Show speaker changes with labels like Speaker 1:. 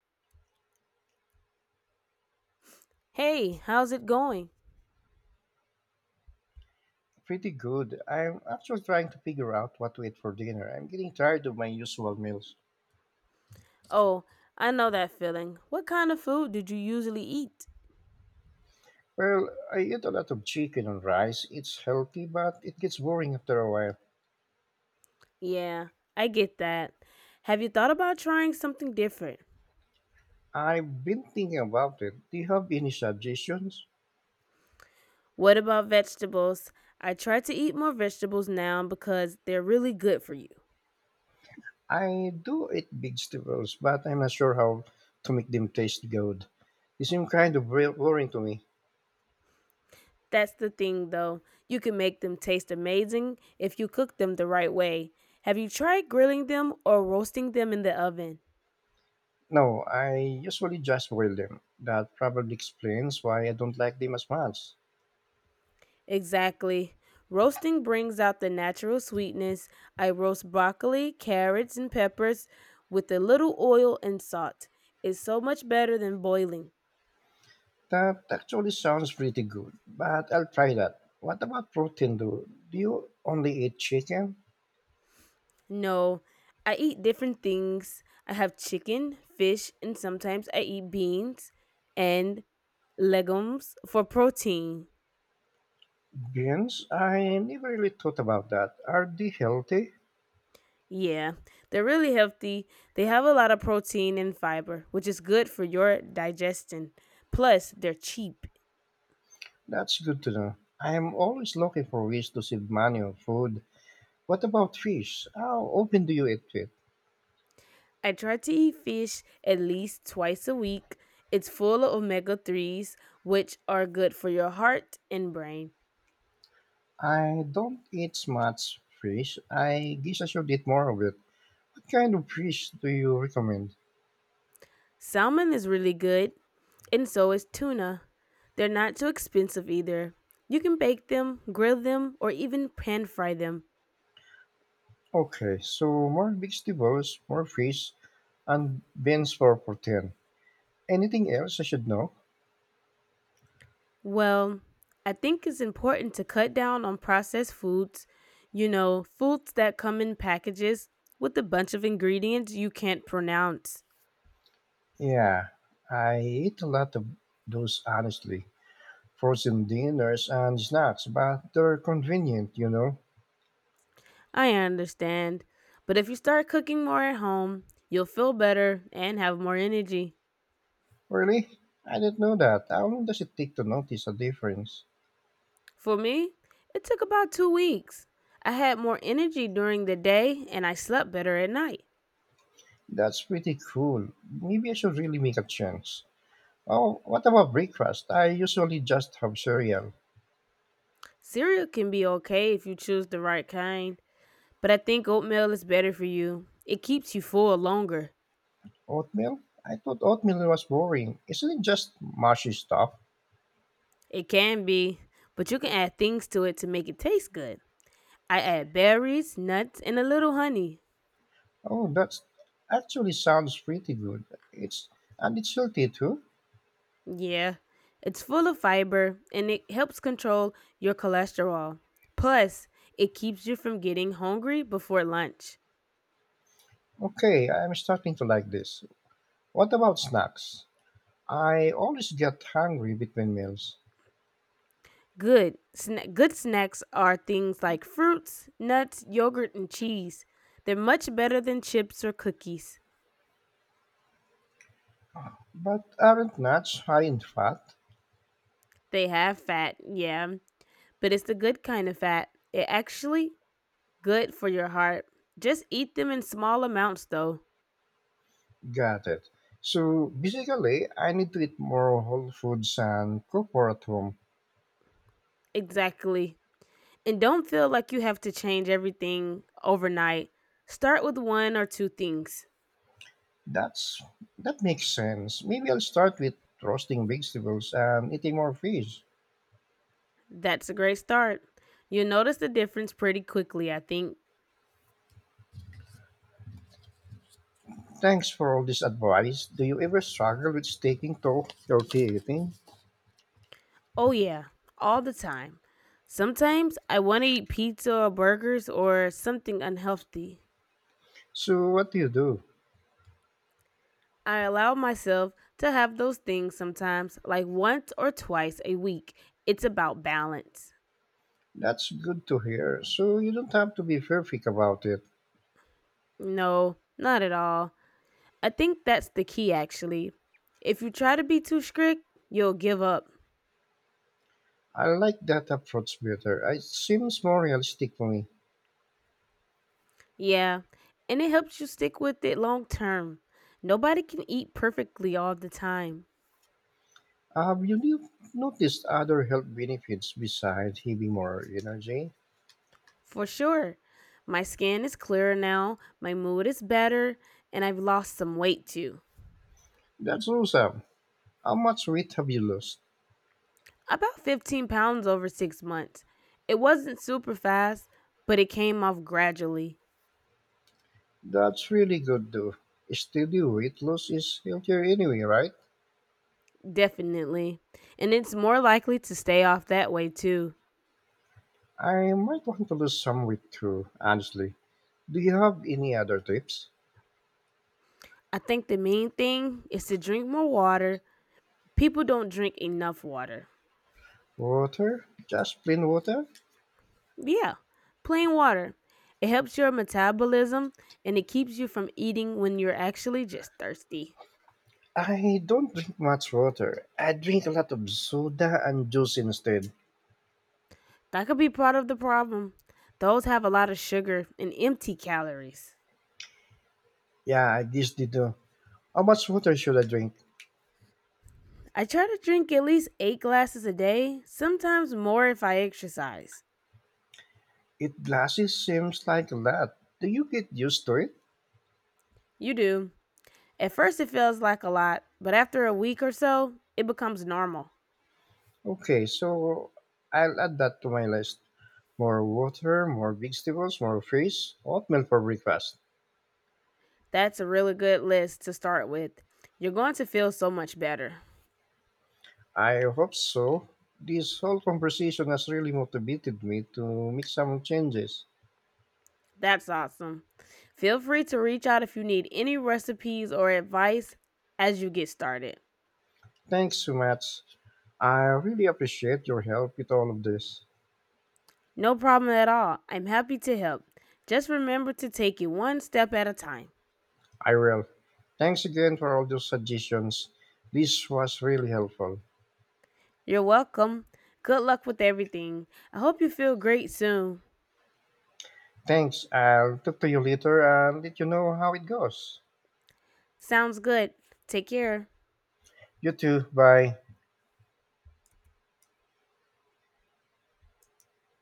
Speaker 1: Hey, how's it going?
Speaker 2: Pretty good. I'm actually trying to figure out what to eat for dinner. I'm getting tired of my usual meals.
Speaker 1: Oh, I know that feeling. What kind of food did you usually eat?
Speaker 2: Well, I eat a lot of chicken and rice. It's healthy, but it gets boring after a while.
Speaker 1: Yeah, I get that. Have you thought about trying something different?
Speaker 2: I've been thinking about it. Do you have any suggestions?
Speaker 1: What about vegetables? I try to eat more vegetables now because they're really good for you.
Speaker 2: I do eat vegetables, but I'm not sure how to make them taste good. They seem kind of boring to me.
Speaker 1: That's the thing though. You can make them taste amazing if you cook them the right way. Have you tried grilling them or roasting them in the oven?
Speaker 2: No, I usually just boil them. That probably explains why I don't like them as much.
Speaker 1: Exactly. Roasting brings out the natural sweetness. I roast broccoli, carrots, and peppers with a little oil and salt. It's so much better than boiling.
Speaker 2: That actually sounds pretty good, but I'll try that. What about protein though? Do you only eat chicken?
Speaker 1: No, I eat different things. I have chicken, fish, and sometimes I eat beans and legumes for protein.
Speaker 2: Beans? I never really thought about that. Are they healthy?
Speaker 1: Yeah, they're really healthy. They have a lot of protein and fiber, which is good for your digestion. Plus, they're cheap.
Speaker 2: That's good to know. I'm always looking for ways to save money on food. What about fish? How often do you eat it?
Speaker 1: I try to eat fish at least twice a week. It's full of omega 3s, which are good for your heart and brain.
Speaker 2: I don't eat much fish. I guess I should eat more of it. What kind of fish do you recommend?
Speaker 1: Salmon is really good, and so is tuna. They're not too expensive either. You can bake them, grill them, or even pan fry them.
Speaker 2: Okay, so more vegetables, more fish, and beans for protein. Anything else I should know?
Speaker 1: Well, I think it's important to cut down on processed foods, foods that come in packages with a bunch of ingredients you can't pronounce.
Speaker 2: Yeah, I eat a lot of those honestly. Frozen dinners and snacks, but they're convenient.
Speaker 1: I understand. But if you start cooking more at home, you'll feel better and have more energy.
Speaker 2: Really? I didn't know that. How long does it take to notice a difference?
Speaker 1: For me, it took about 2 weeks. I had more energy during the day and I slept better at night.
Speaker 2: That's pretty cool. Maybe I should really make a change. Oh, what about breakfast? I usually just have cereal.
Speaker 1: Cereal can be okay if you choose the right kind, but I think oatmeal is better for you. It keeps you full longer.
Speaker 2: Oatmeal? I thought oatmeal was boring. Isn't it just mushy stuff?
Speaker 1: It can be, but you can add things to it to make it taste good. I add berries, nuts, and a little honey.
Speaker 2: Oh, that's actually sounds pretty good. It's and it's healthy too.
Speaker 1: Yeah, it's full of fiber and it helps control your cholesterol. Plus, it keeps you from getting hungry before lunch.
Speaker 2: Okay, I'm starting to like this. What about snacks? I always get hungry between meals.
Speaker 1: Good snacks are things like fruits, nuts, yogurt, and cheese. They're much better than chips or cookies.
Speaker 2: But aren't nuts high in fat?
Speaker 1: They have fat, yeah, but it's the good kind of fat. It actually good for your heart. Just eat them in small amounts though.
Speaker 2: Got it. So basically, I need to eat more whole foods and cook more at home.
Speaker 1: Exactly. And don't feel like you have to change everything overnight. Start with one or two things.
Speaker 2: That's that makes sense. Maybe I'll start with roasting vegetables and eating more fish.
Speaker 1: That's a great start. You'll notice the difference pretty quickly, I think.
Speaker 2: Thanks for all this advice. Do you ever struggle with sticking to healthy eating?
Speaker 1: Oh, yeah, all the time. Sometimes I want to eat pizza or burgers or something unhealthy.
Speaker 2: So what do you do?
Speaker 1: I allow myself to have those things sometimes, like once or twice a week. It's about balance.
Speaker 2: That's good to hear. So you don't have to be perfect about it.
Speaker 1: No, not at all. I think that's the key, actually. If you try to be too strict, you'll give up.
Speaker 2: I like that approach better. It seems more realistic for me.
Speaker 1: Yeah, and it helps you stick with it long term. Nobody can eat perfectly all the time.
Speaker 2: Have you noticed other health benefits besides having more energy?
Speaker 1: For sure. My skin is clearer now, my mood is better, and I've lost some weight too.
Speaker 2: That's awesome. How much weight have you lost?
Speaker 1: About 15 pounds over 6 months. It wasn't super fast, but it came off gradually.
Speaker 2: That's really good, though. Steady weight loss is healthier anyway, right?
Speaker 1: Definitely. And it's more likely to stay off that way too.
Speaker 2: I might want to lose some weight too, honestly. Do you have any other tips?
Speaker 1: I think the main thing is to drink more water. People don't drink enough water.
Speaker 2: Water? Just plain water?
Speaker 1: Yeah, plain water. It helps your metabolism and it keeps you from eating when you're actually just thirsty.
Speaker 2: I don't drink much water. I drink a lot of soda and juice instead.
Speaker 1: That could be part of the problem. Those have a lot of sugar and empty calories.
Speaker 2: Yeah, I just did. How much water should I drink?
Speaker 1: I try to drink at least 8 glasses a day, sometimes more if I exercise.
Speaker 2: Eight glasses seems like a lot. Do you get used to it?
Speaker 1: You do. At first, it feels like a lot, but after a week or so, it becomes normal.
Speaker 2: Okay, so I'll add that to my list. More water, more vegetables, more fish, oatmeal for breakfast.
Speaker 1: That's a really good list to start with. You're going to feel so much better.
Speaker 2: I hope so. This whole conversation has really motivated me to make some changes.
Speaker 1: That's awesome. Feel free to reach out if you need any recipes or advice as you get started.
Speaker 2: Thanks so much. I really appreciate your help with all of this.
Speaker 1: No problem at all. I'm happy to help. Just remember to take it one step at a time.
Speaker 2: I will. Thanks again for all those suggestions. This was really helpful.
Speaker 1: You're welcome. Good luck with everything. I hope you feel great soon.
Speaker 2: Thanks. I'll talk to you later and let you know how it goes.
Speaker 1: Sounds good. Take care.
Speaker 2: You too. Bye.